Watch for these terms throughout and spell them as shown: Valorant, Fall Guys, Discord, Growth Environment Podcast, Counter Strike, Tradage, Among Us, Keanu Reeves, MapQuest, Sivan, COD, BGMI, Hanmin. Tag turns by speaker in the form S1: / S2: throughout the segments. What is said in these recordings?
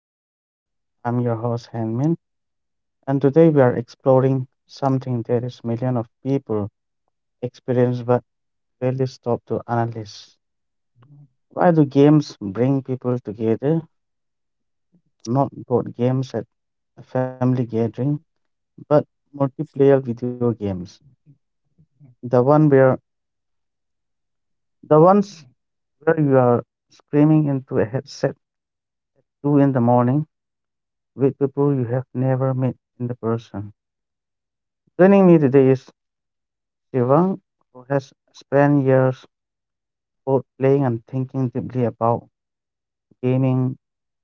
S1: Podcast. I'm your host, Hanmin, and today we are exploring something that is millions of people experience but rarely stop to analyze. Why do games bring people together? Not board games at a family gathering, but multiplayer video games. The one where the ones where you are screaming into a headset two in the morning with people you have never met in the person. Joining me today is Sivan, who has spent years both playing and thinking deeply about gaming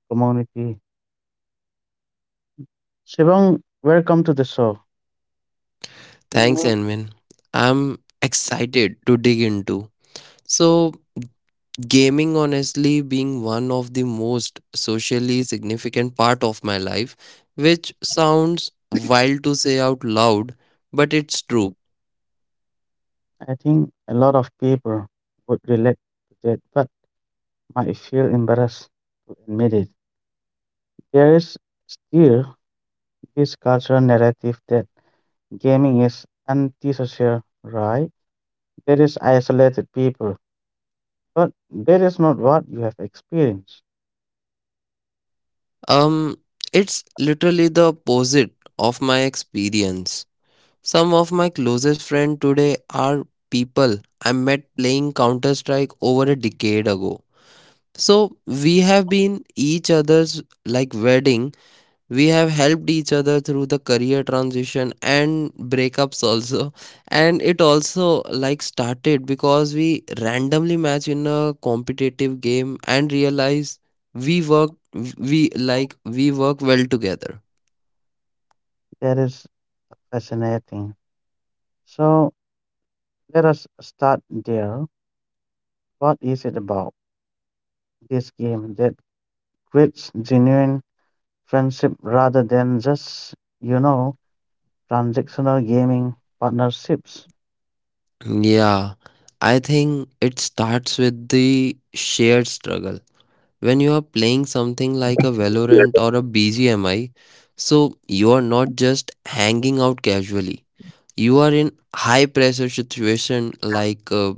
S1: community. Sivan, welcome to the show.
S2: Thanks,
S1: Mhm.
S2: Anvin. I'm excited too. So, games live one of the most socially significant part of life, which sounds wild, but it's true.
S1: I think a lot of people would relate to that, but might feel embarrassed to admit it. There is still this cultural narrative that gaming is antisocial, right? That is isolated people, but that is not what you have experienced.
S2: Um, it's literally the opposite of my experience. Some of my closest friends today are people I met playing Counter Strike over a decade ago. So we have been each other's like wedding, we have helped each other through the career transition and breakups also, and it also like started because we randomly match in a competitive game and realize we work we work well together.
S1: That is fascinating. So, let us start there. What is it about this game that creates genuine friendship rather than just, you know, transactional gaming partnerships?
S2: Yeah, I think it starts with the shared struggle. When you are playing something like a Valorant or a BGMI, so you are not just hanging out casually. You are in high pressure situation like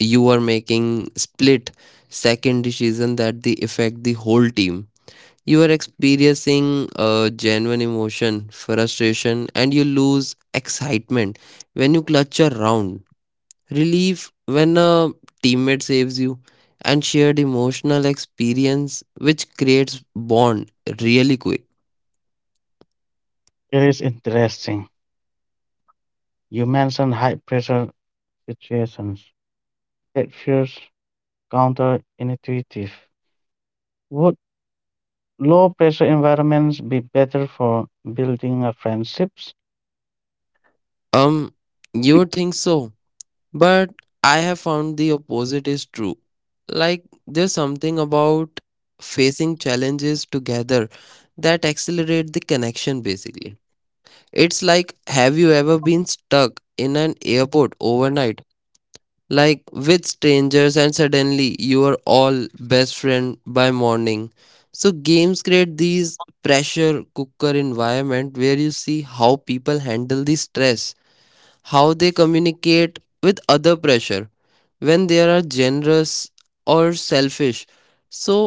S2: you are making split second decision that they affect the whole team. You are experiencing genuine emotion, frustration, and you lose excitement when you clutch a round, relief when a teammate saves you, and shared emotional experience which creates bond really quick.
S1: It is interesting. You mentioned high pressure situations that feels counterintuitive. Would low pressure environments be better for building a friendships?
S2: um you would think so, but I have found the opposite is true. Like there's something about facing challenges together that accelerate the connection basically. It's like, have you ever been stuck in an airport overnight like with strangers and suddenly you are all best friend by morning? So games create these pressure cooker environment where you see how people handle the stress, how they communicate with other pressure, when they are generous or selfish. So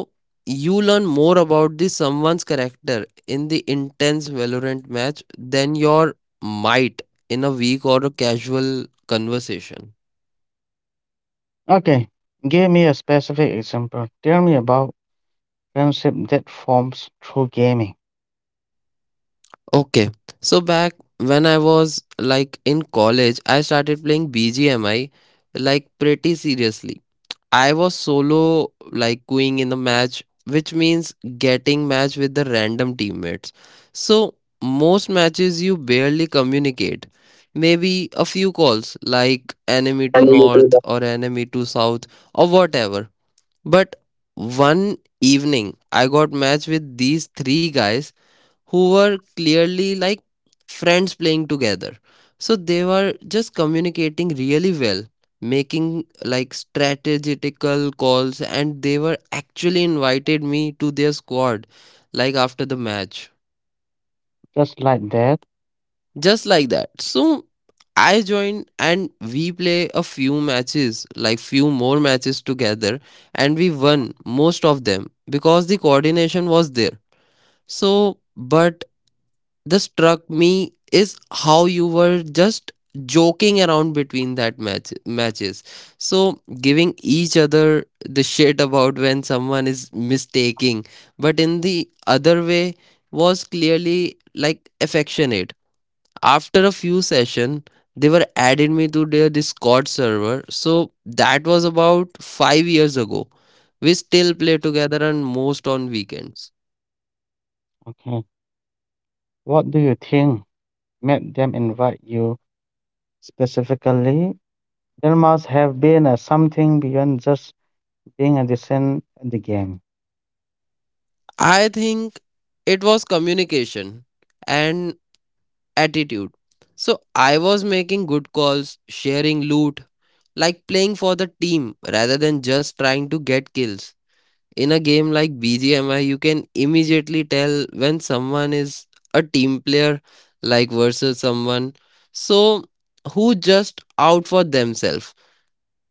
S2: you learn more about the someone's character in the intense valorant match than your might in a week or a casual conversation.
S1: Okay, give me a specific example. Tell me about friendship that forms through gaming.
S2: Okay, so back when I was like in college, I started playing BGMI like pretty seriously. I was solo like going in the match, which means getting match with the random teammates. So most matches you barely communicate. Maybe a few calls like enemy to north or enemy to south or whatever. But one evening I got match with these three guys who were clearly like friends playing together. So they were just communicating really well, making like strategical calls, and they were actually invited me to their squad like after the match.
S1: Just like that?
S2: Just like that. So I joined and we play a few matches, like few more matches together, and we won most of them because the coordination was there. So, but that struck me is how you were just joking around between that matches so giving each other the shit about when someone is mistaking, but in the other way was clearly like affectionate. After a few session they were added me to their discord server, so that was about 5 years ago. We still play together and most on weekends.
S1: Okay. What do you think made them invite you specifically? There must have been something beyond just being a decent at the game.
S2: I think it was communication and attitude. So I was making good calls, sharing loot, like playing for the team rather than just trying to get kills. In a game like BGMI, you can immediately tell when someone is a team player like versus someone so who just out for themselves.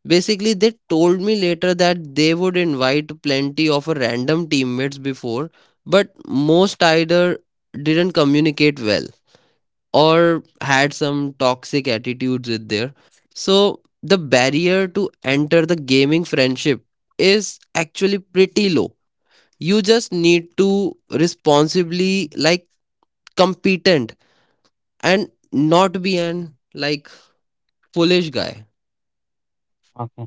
S2: Basically, they told me later that they would invite plenty of random teammates before, but most either didn't communicate well or had some toxic attitudes with there. So the barrier to enter the gaming friendship is actually pretty low. You just need to responsibly like competent and not be an like foolish guy.
S1: Okay.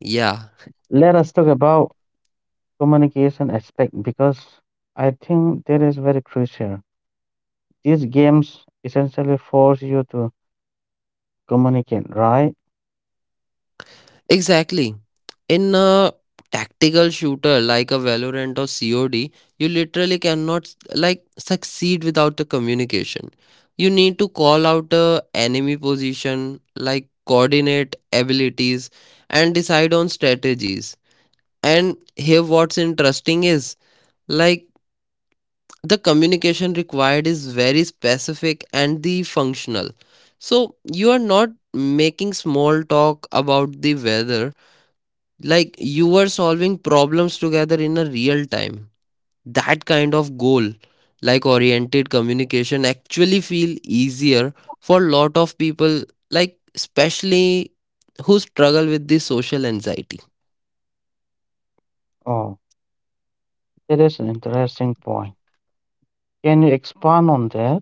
S2: Yeah.
S1: Let us talk about communication aspect because I think that is very crucial. These games essentially force you to communicate, right?
S2: Exactly. In a tactical shooter like a Valorant or COD, you literally cannot like succeed without the communication. You need to call out a enemy position, like coordinate abilities and decide on strategies. And here what's interesting is like the communication required is very specific and the functional. So you are not making small talk about the weather, like you were solving problems together in a real time. That kind of goal like oriented communication actually feel easier for a lot of people, like especially who struggle with this social anxiety.
S1: Oh, that is an interesting point. Can you expand on that?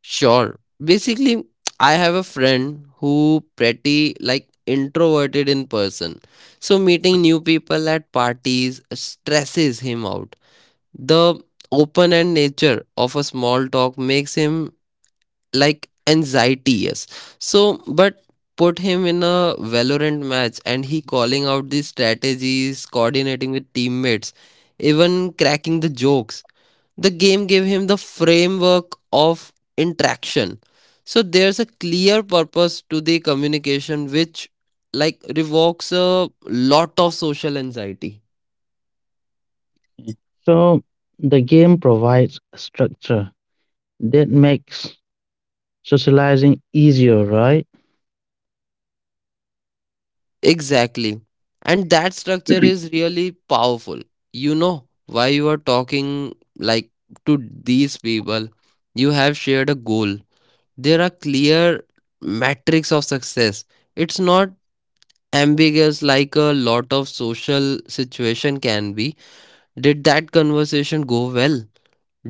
S2: Sure, basically I have a friend who pretty like introverted in person, so meeting new people at parties stresses him out. The open and nature of a small talk makes him like anxiety, yes. So but put him in a valorant match and he calling out the strategies, coordinating with teammates, even cracking the jokes. The game gave him the framework of interaction. So there's a clear purpose to the communication which like revokes a lot of social anxiety.
S1: So the game provides structure that makes socializing easier, right?
S2: Exactly. And that structure is really powerful. You know why you are talking like to these people. You have shared a goal. There are clear metrics of success. It's not ambiguous like a lot of social situation can be. Did that conversation go well?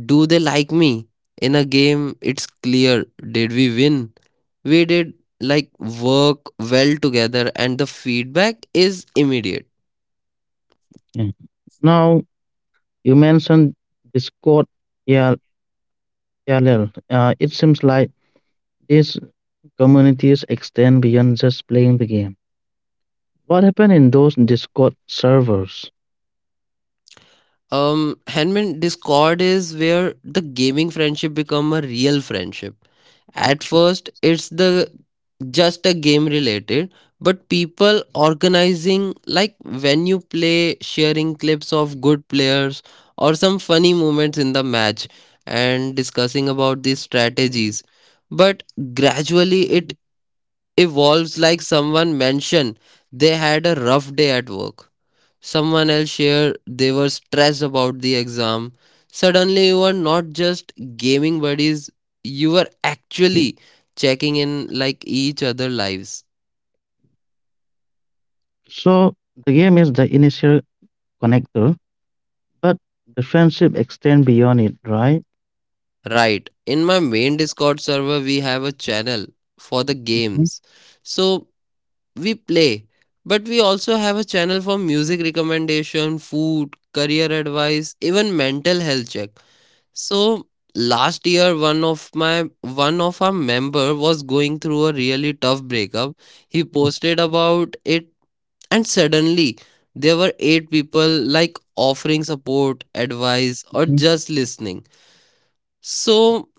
S2: Do they like me? In a game, it's clear. Did we win? We did like work well together, and the feedback is immediate.
S1: Yeah. Now you mentioned Discord EL- ELL. It seems like these communities extend beyond just playing the game. What happened in those Discord servers?
S2: Handman Discord is where the gaming friendship become a real friendship. At first, it's the just a game related, but people organizing like when you play, sharing clips of good players or some funny moments in the match and discussing about these strategies. But gradually, it evolves. Like someone mentioned they had a rough day at work, someone else shared they were stressed about the exam. Suddenly you were not just gaming buddies, you were actually checking in like each other lives.
S1: So the game is the initial connector, but the friendship extend beyond it, right?
S2: Right, in my main discord server we have a channel for the
S1: Mhm,
S2: games, so we play, but we also have a channel for music recommendation, food, career advice, even mental health check. So last year one of our member was going through a really tough breakup. He posted about it, and suddenly there were 8 people like offering support, advice or
S1: mhm.
S2: just listening. So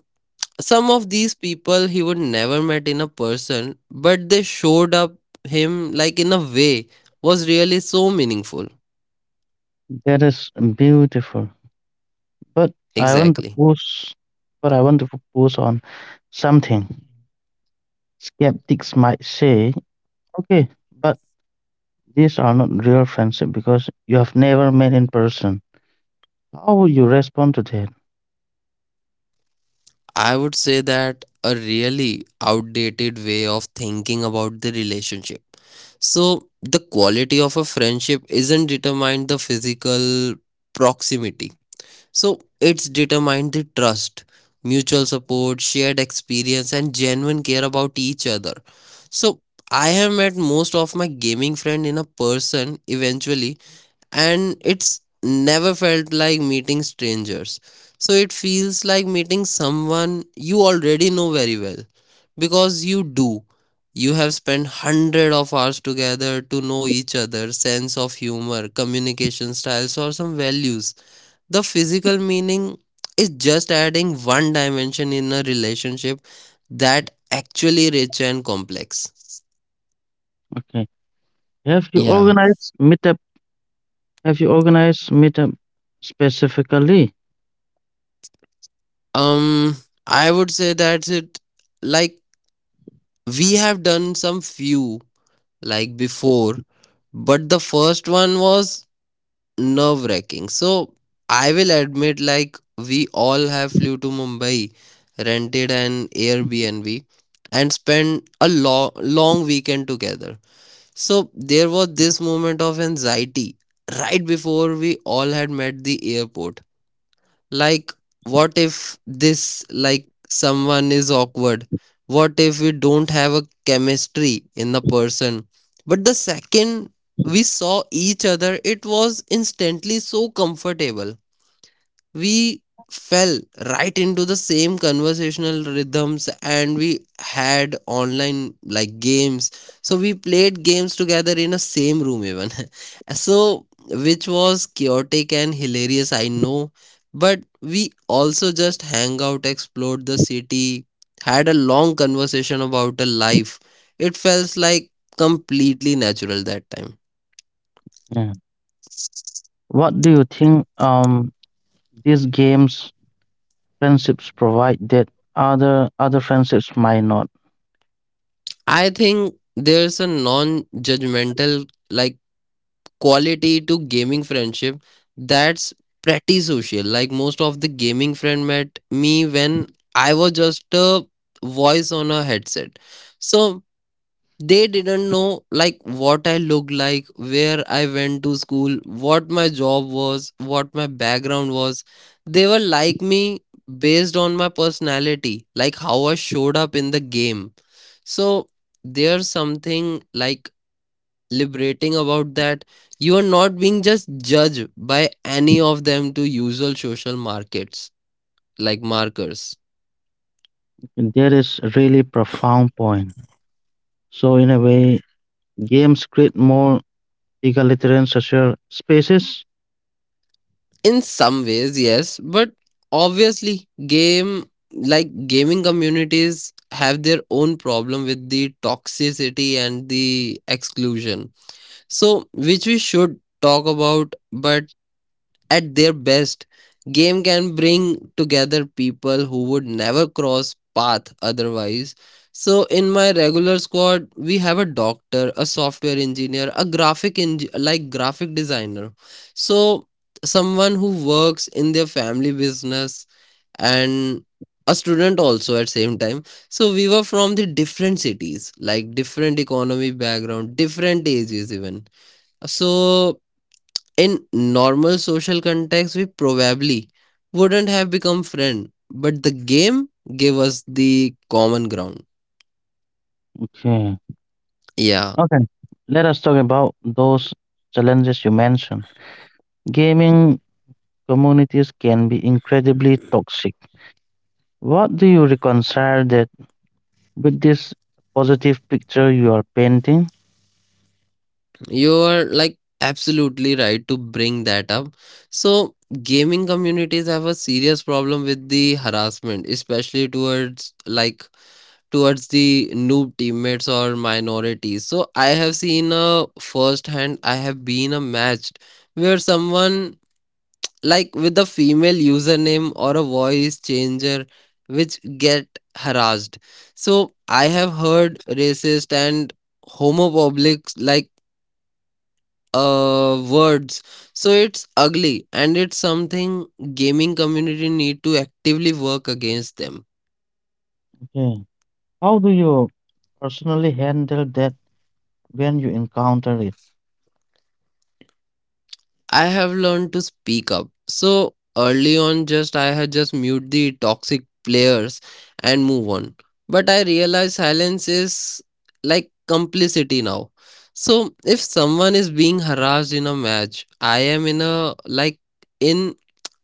S2: some of these people he would never met in a person, but they showed up him like in a way was really so meaningful.
S1: That is beautiful. But I want to
S2: Exactly.
S1: push. But I want to focus on something. Skeptics might say, "Okay, but these are not real friendship because you have never met in person." How would you respond to that?
S2: I would say that a really outdated way of thinking about the relationship. So, the quality of a friendship isn't determined the physical proximity. So, it's determined the trust, mutual support, shared experience and genuine care about each other. So, I have met most of my gaming friend in a person eventually, and it's never felt like meeting strangers. So it feels like meeting someone you already know very well, because you do. You have spent 100 of hours together to know each other, sense of humor, communication styles, or some values. The physical meaning is just adding one dimension in a relationship that actually rich and complex.
S1: Okay. Have you
S2: Yeah.
S1: organized meetup? Have you organized meetup specifically?
S2: Um I would say that's it, like, we have done some few like before, but the first one was nerve wracking. So I will admit, like, we all have flew to Mumbai, rented an Airbnb, and spent a long, long weekend together. So there was this moment of anxiety right before we all had met the airport, like what if this like someone is awkward, what if we don't have a chemistry in the person. But the second we saw each other it was instantly so comfortable. We fell right into the same conversational rhythms, and we had online like games, so we played games together in a same room even so which was chaotic and hilarious, I know. But we also just hang out, explored the city, had a long conversation about a life. It felt like completely natural that time.
S1: Yeah. What do you think these games friendships provide that other friendships might not?
S2: I think there's a non judgmental like quality to gaming friendship that's pretty social. Like most of the gaming friend met me when I was just a voice on a headset. So they didn't know like what I looked like, where I went to school, what my job was, what my background was. They were like me based on my personality, like how I showed up in the game. So there's something like liberating about that. You are not being just judged by any of them to usual social markets, like markers.
S1: That is really profound point. So in a way, games create more egalitarian social spaces.
S2: In some ways yes, but obviously game like gaming communities have their own problem with the toxicity and the exclusion, so which we should talk about. But at their best, game can bring together people who would never cross path otherwise. So in my regular squad, we have a doctor, a software engineer, a like graphic designer. So someone who works in their family business, and a student also at same time. So we were from the different cities, like different economy background, different ages even. So in normal social context, we probably wouldn't have become friends, but the game gave us the common ground.
S1: Okay.
S2: Yeah,
S1: Okay, let us talk about those challenges you mentioned. Gaming communities can be incredibly toxic. What do you reconcile that with this positive picture you are painting?
S2: you are like absolutely right to bring that up. So, gaming communities have a serious problem with the harassment, especially towards like towards the noob teammates or minorities. So, I have seen a first hand, I have been a match where someone with a female username or a voice changer which get harassed. So I have heard racist and homophobic words. So it's ugly and it's something gaming community need to actively work against them.
S1: Okay, how do you personally handle that when you encounter it?
S2: I have learned to speak up. So early on, just I had just mute the toxic players and move on. But I realize silence is like complicity now. So if someone is being harassed in a match, I am in a like in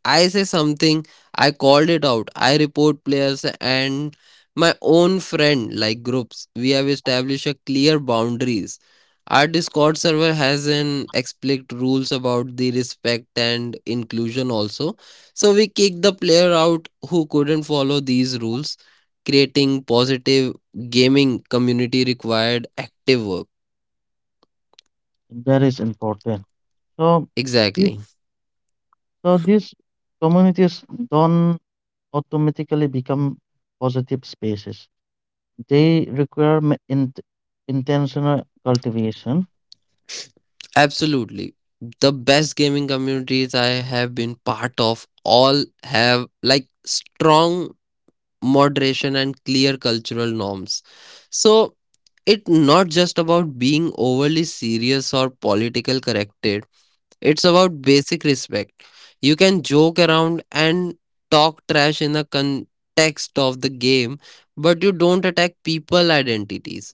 S2: I say something, I called it out. I report players and my own friend groups. We have established a clear boundaries. Our Discord server has an explicit rules about the respect and inclusion also. So we kick the player out who couldn't follow these rules, creating positive gaming community required active work.
S1: That is important. So, if,
S2: Exactly.
S1: so these communities don't automatically become positive spaces. They require intentional cultivation.
S2: Absolutely. The best gaming communities I have been part of all have like strong moderation and clear cultural norms. So it's not just about being overly serious or political corrected. It's about basic respect. You can joke around and talk trash in the context of the game, but you don't attack people identities.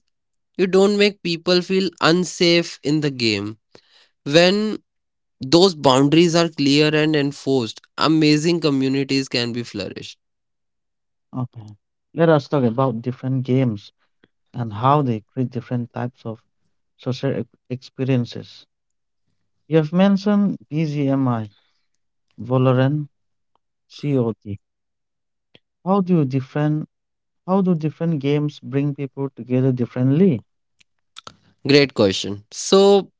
S2: You don't make people feel unsafe in the game. When those boundaries are clear and enforced, amazing communities can be flourished.
S1: Okay. Let us talk about different games and how they create different types of social experiences. You have mentioned BGMI, Valorant, COD. How do you different how do different games bring people together differently?
S2: Great question. So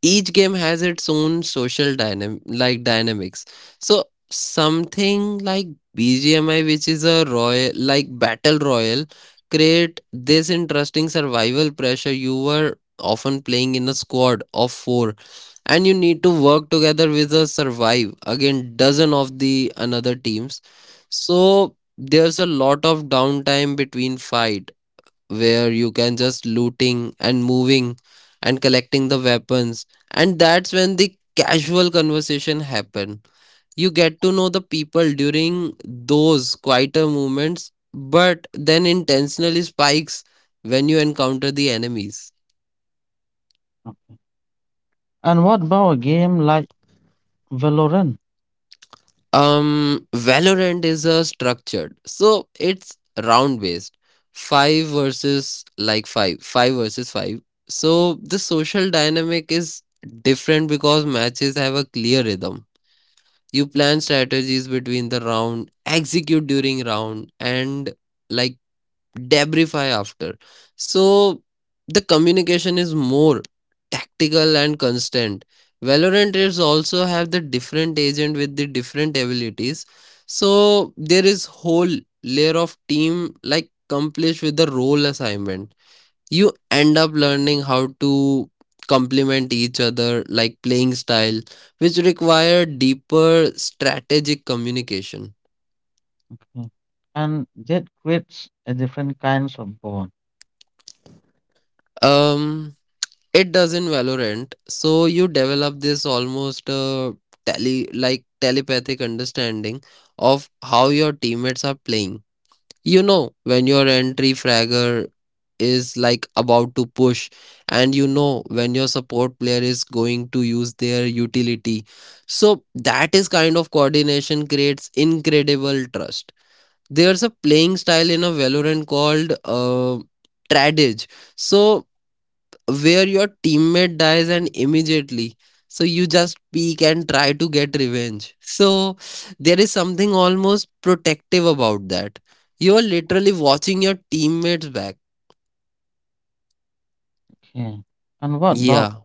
S2: each game has its own social dynamics. So something like BGMI, which is a royal like battle royal, create this interesting survival pressure. You were often playing in a squad of four and you need to work together with a survive again dozen of the another teams. So there's a lot of downtime between fight where you can just looting and moving and collecting the weapons, and that's when the casual conversation happen. You get to know the people during those quieter moments, but then intentionally spikes when you encounter the enemies.
S1: Uh, And what about a game like Valorant?
S2: Valorant is a structured, so it's round based. Five versus five. So the social dynamic is different because matches have a clear rhythm. You plan strategies between the round, execute during round, and like debris after. So the communication is more tactical and constant. Valorant is also have the different agent with the different abilities. So there is whole layer of team like accomplished with the role assignment. You end up learning how to complement each other like playing style, which require deeper strategic communication.
S1: Okay. And that creates a different kinds of bond.
S2: Um It does in Valorant. So you develop this almost telepathic understanding of how your teammates are playing. You know when your entry fragger is like about to push, and you know when your support player is going to use their utility. So that is kind of coordination creates incredible trust. There's a playing style in a Valorant called Tradage. So where your teammate dies and immediately, so you just peek and try to get revenge. So there is something almost protective about that. You are literally watching your teammates back.
S1: Okay. And
S2: Yeah.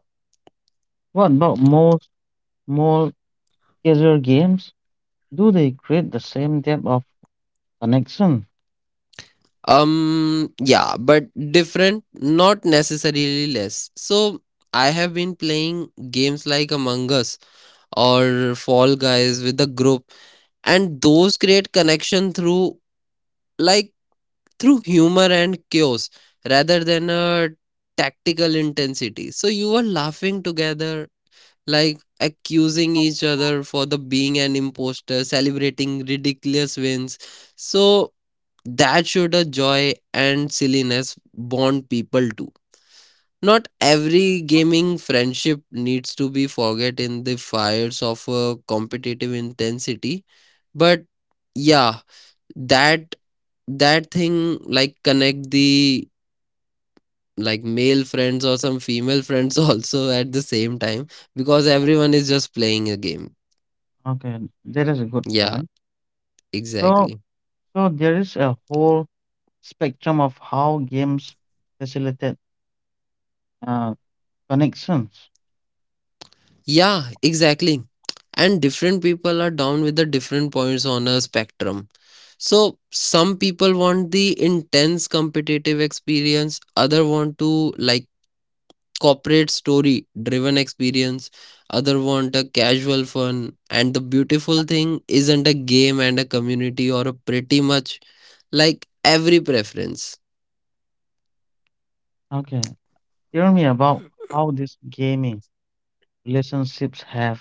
S1: what about most more casual games? Do they create the same depth of connection?
S2: Yeah but different, not necessarily less. So I have been playing games like Among Us or Fall Guys with a group, and those create connection through like through humor and chaos rather than a tactical intensity. So you were laughing together, like accusing each other for the being an imposter, celebrating ridiculous wins. So that should a joy and silliness bond people to. Not every gaming friendship needs to be forget in the fires of a competitive intensity, but yeah, that that thing like connect the like male friends or some female friends also at the same time, because everyone is just playing a game.
S1: Okay, that is a good
S2: Yeah,
S1: point. So,
S2: exactly.
S1: so, there is a whole spectrum of how games facilitate uh, connections.
S2: Yeah, exactly. And different people are down with the different points on a spectrum. So some people want the intense competitive experience, other want to like corporate story driven experience, other want a casual fun. And the beautiful thing isn't a game and a community or a pretty much like every preference.
S1: Okay, tell me about how these gaming relationships have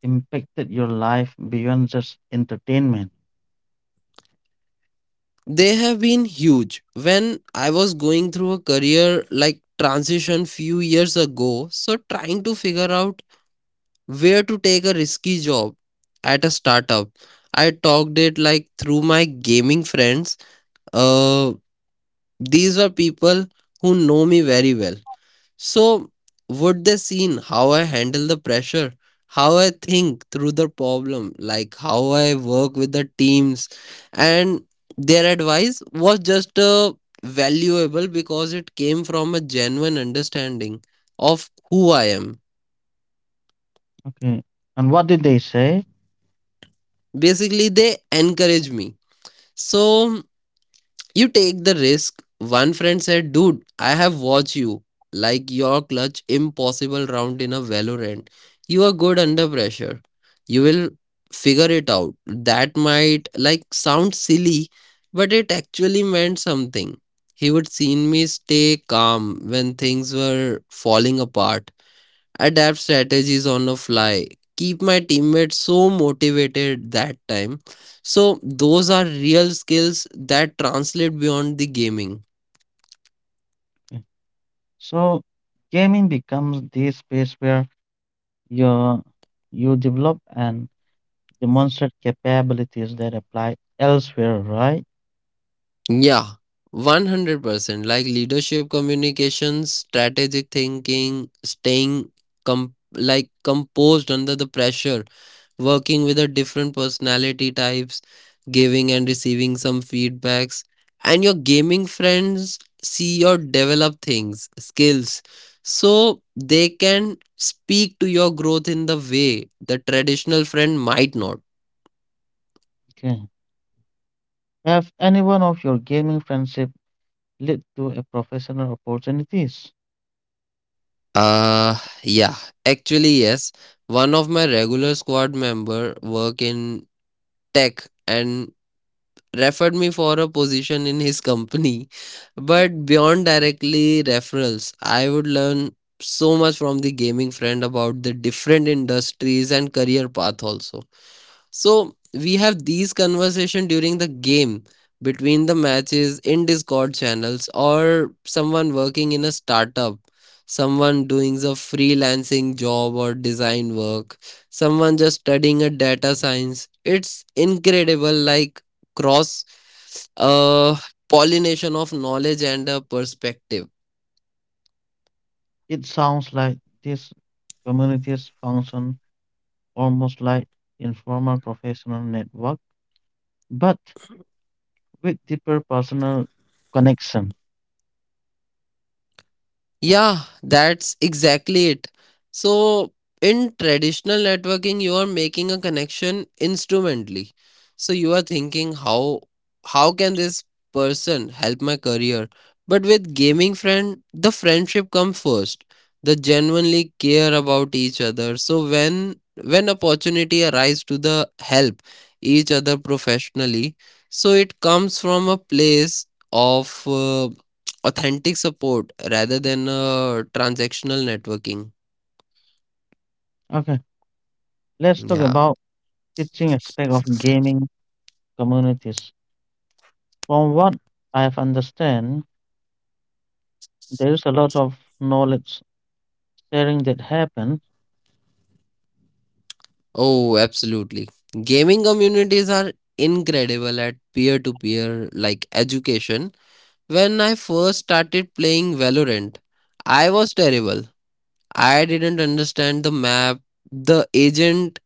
S1: impacted your life beyond just entertainment.
S2: They have been huge. When I was going through a career transition few years ago, so trying to figure out where to take a risky job at a startup, I talked it like through my gaming friends. Uh, these were people who know me very well. So, would they seen how I handle the pressure, how I think through the problem, like how I work with the teams, and their advice was just valuable because it came from a genuine understanding of who I am.
S1: Okay, and what did they say?
S2: Basically, they encourage me. So, you take the risk. One friend said, "Dude, I have watched you. Like your clutch impossible round in a Valorant. You are good under pressure. You will figure it out." That might like sound silly, but it actually meant something. He would seen me stay calm when things were falling apart, adapt strategies on the fly, keep my teammates so motivated that time. So, those are real skills that translate beyond the gaming.
S1: Okay. So, gaming becomes this space where you you develop and demonstrate capabilities that apply elsewhere, right?
S2: Yeah, 100% like leadership communication, strategic thinking, staying com- like composed under the pressure, working with the different personality types, giving and receiving some feedbacks, and your gaming friends see your develop things, skills, so they can speak to your growth in the way the traditional friend might not.
S1: Okay. Have any one of your gaming friendship led to a professional opportunities?
S2: Uh yeah, actually yes. One of my regular squad member work in tech and referred me for a position in his company. But beyond directly referrals, I would learn so much from the gaming friend about the different industries and career path also. So we have these conversation during the game between the matches in Discord channels, or someone working in a startup, someone doing a freelancing job or design work, someone just studying a data science. It's incredible like cross uh, pollination of knowledge and perspective.
S1: It sounds like these communities function almost like informal professional network, but with deeper personal connection.
S2: Yeah, that's exactly it. So, in traditional networking, you are making a connection instrumentally. So you are thinking how can this person help my career? But with gaming friend, the friendship comes first. They genuinely care about each other. So when opportunity arise to the help each other professionally, so it comes from a place of authentic support rather than transactional networking.
S1: Okay, let's talk
S2: Yeah.
S1: about teaching aspect of gaming communities. From what I have understand, there is a lot of knowledge sharing that happens.
S2: Oh, absolutely. Gaming communities are incredible at peer to peer like education. When I first started playing Valorant, I was terrible. I didn't understand the map, the agent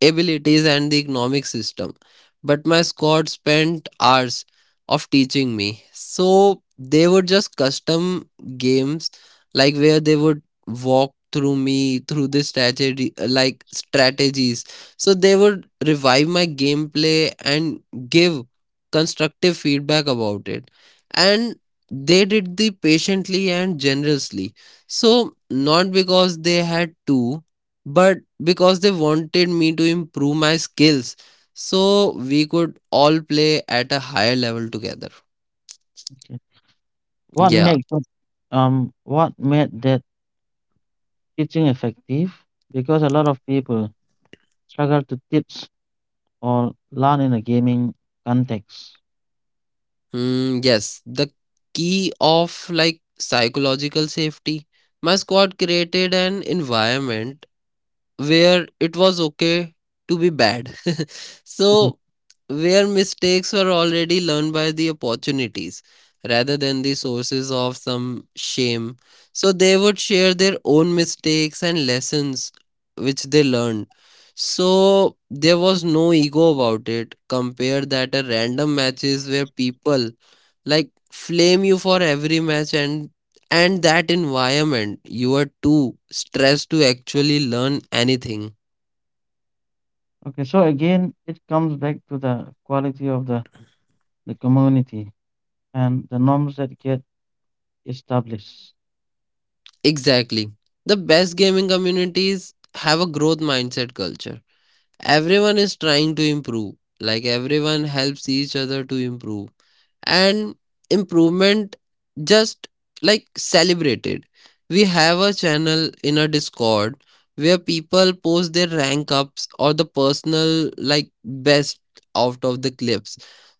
S2: abilities and the economic system. But my squad spent hours of teaching me. So they would just custom games like where they would walk through me through the strategy like strategies. So they would revive my gameplay and give constructive feedback about it. And they did the patiently and generously. So not because they had to, but because they wanted me to improve my skills so we could all play at a higher level together.
S1: Okay. What
S2: Yeah.
S1: makes what made that teaching effective because a lot of people struggle to teach or learn in a gaming context.
S2: Yes, the key of like psychological safety, my squad created an environment where it was okay to be bad.
S1: Mhm.
S2: So, where mistakes were already learned by the opportunities rather than the sources of some shame. So, they would share their own mistakes and lessons which they learned. So, there was no ego about it. Compare that a random matches where people like flame you for every match, and that environment you are too stressed to actually learn anything.
S1: Okay, so again, it comes back to the quality of the community and the norms that get established.
S2: Exactly. The best gaming communities have a growth mindset culture. Everyone is trying to improve, like everyone helps each other to improve, and improvement just like celebrated. We have a channel in a discord where people post their rank ups or the personal like best out of the clips,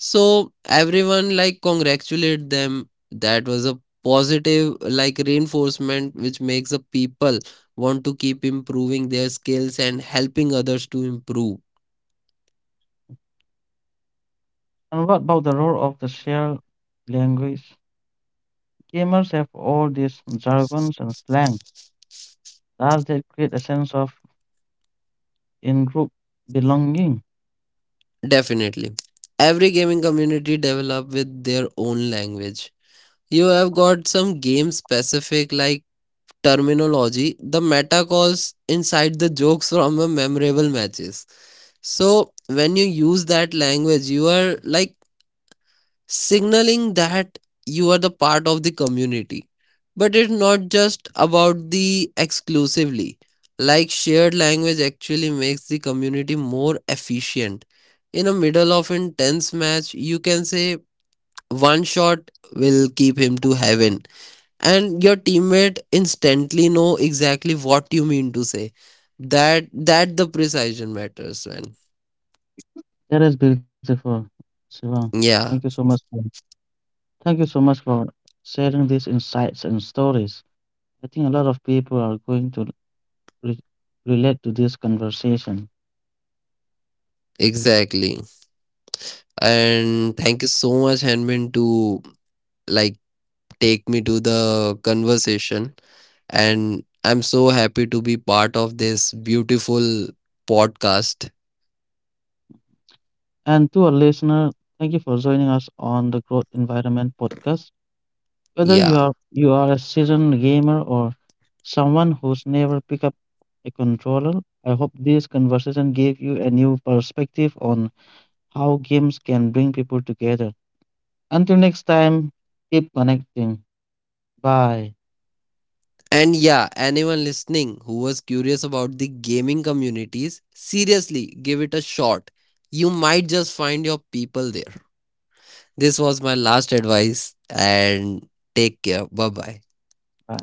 S2: so everyone like congratulate them. That was a positive like reinforcement which makes the people want to keep improving their skills and helping others to improve.
S1: And what about the role of the shared language? Gamers have all these jargons and slang. Does that create a sense of in group belonging?
S2: Definitely. Every gaming community develop with their own language. You have got some game specific like terminology, the meta calls inside, the jokes from a memorable matches. So when you use that language, you are like signaling that you are the part of the community. But it's not just about the exclusively. Like shared language actually makes the community more efficient. In the middle of intense match, you can say one shot will keep him to heaven and your teammate instantly know exactly what you mean to say. That the precision matters, man.
S1: That is beautiful, Sivan. Thank you so
S2: Yeah,
S1: much. Thank you so much for sharing these insights and stories. I think a lot of people are going to re- relate to this conversation.
S2: exactly. And thank you so much henman to like take me to the conversation, and I'm so happy to be part of this beautiful podcast.
S1: And to our listener, thank you for joining us on the Growth Environment podcast. Whether you
S2: Yeah.
S1: are you are a seasoned gamer or someone who's never picked up a controller, I hope this conversation gave you a new perspective on how games can bring people together. Until next time, keep connecting. Bye.
S2: And yeah, anyone listening who was curious about the gaming communities, seriously give it a shot. You might just find your people there. This was my last advice, and take care. Bye bye.
S1: Bye.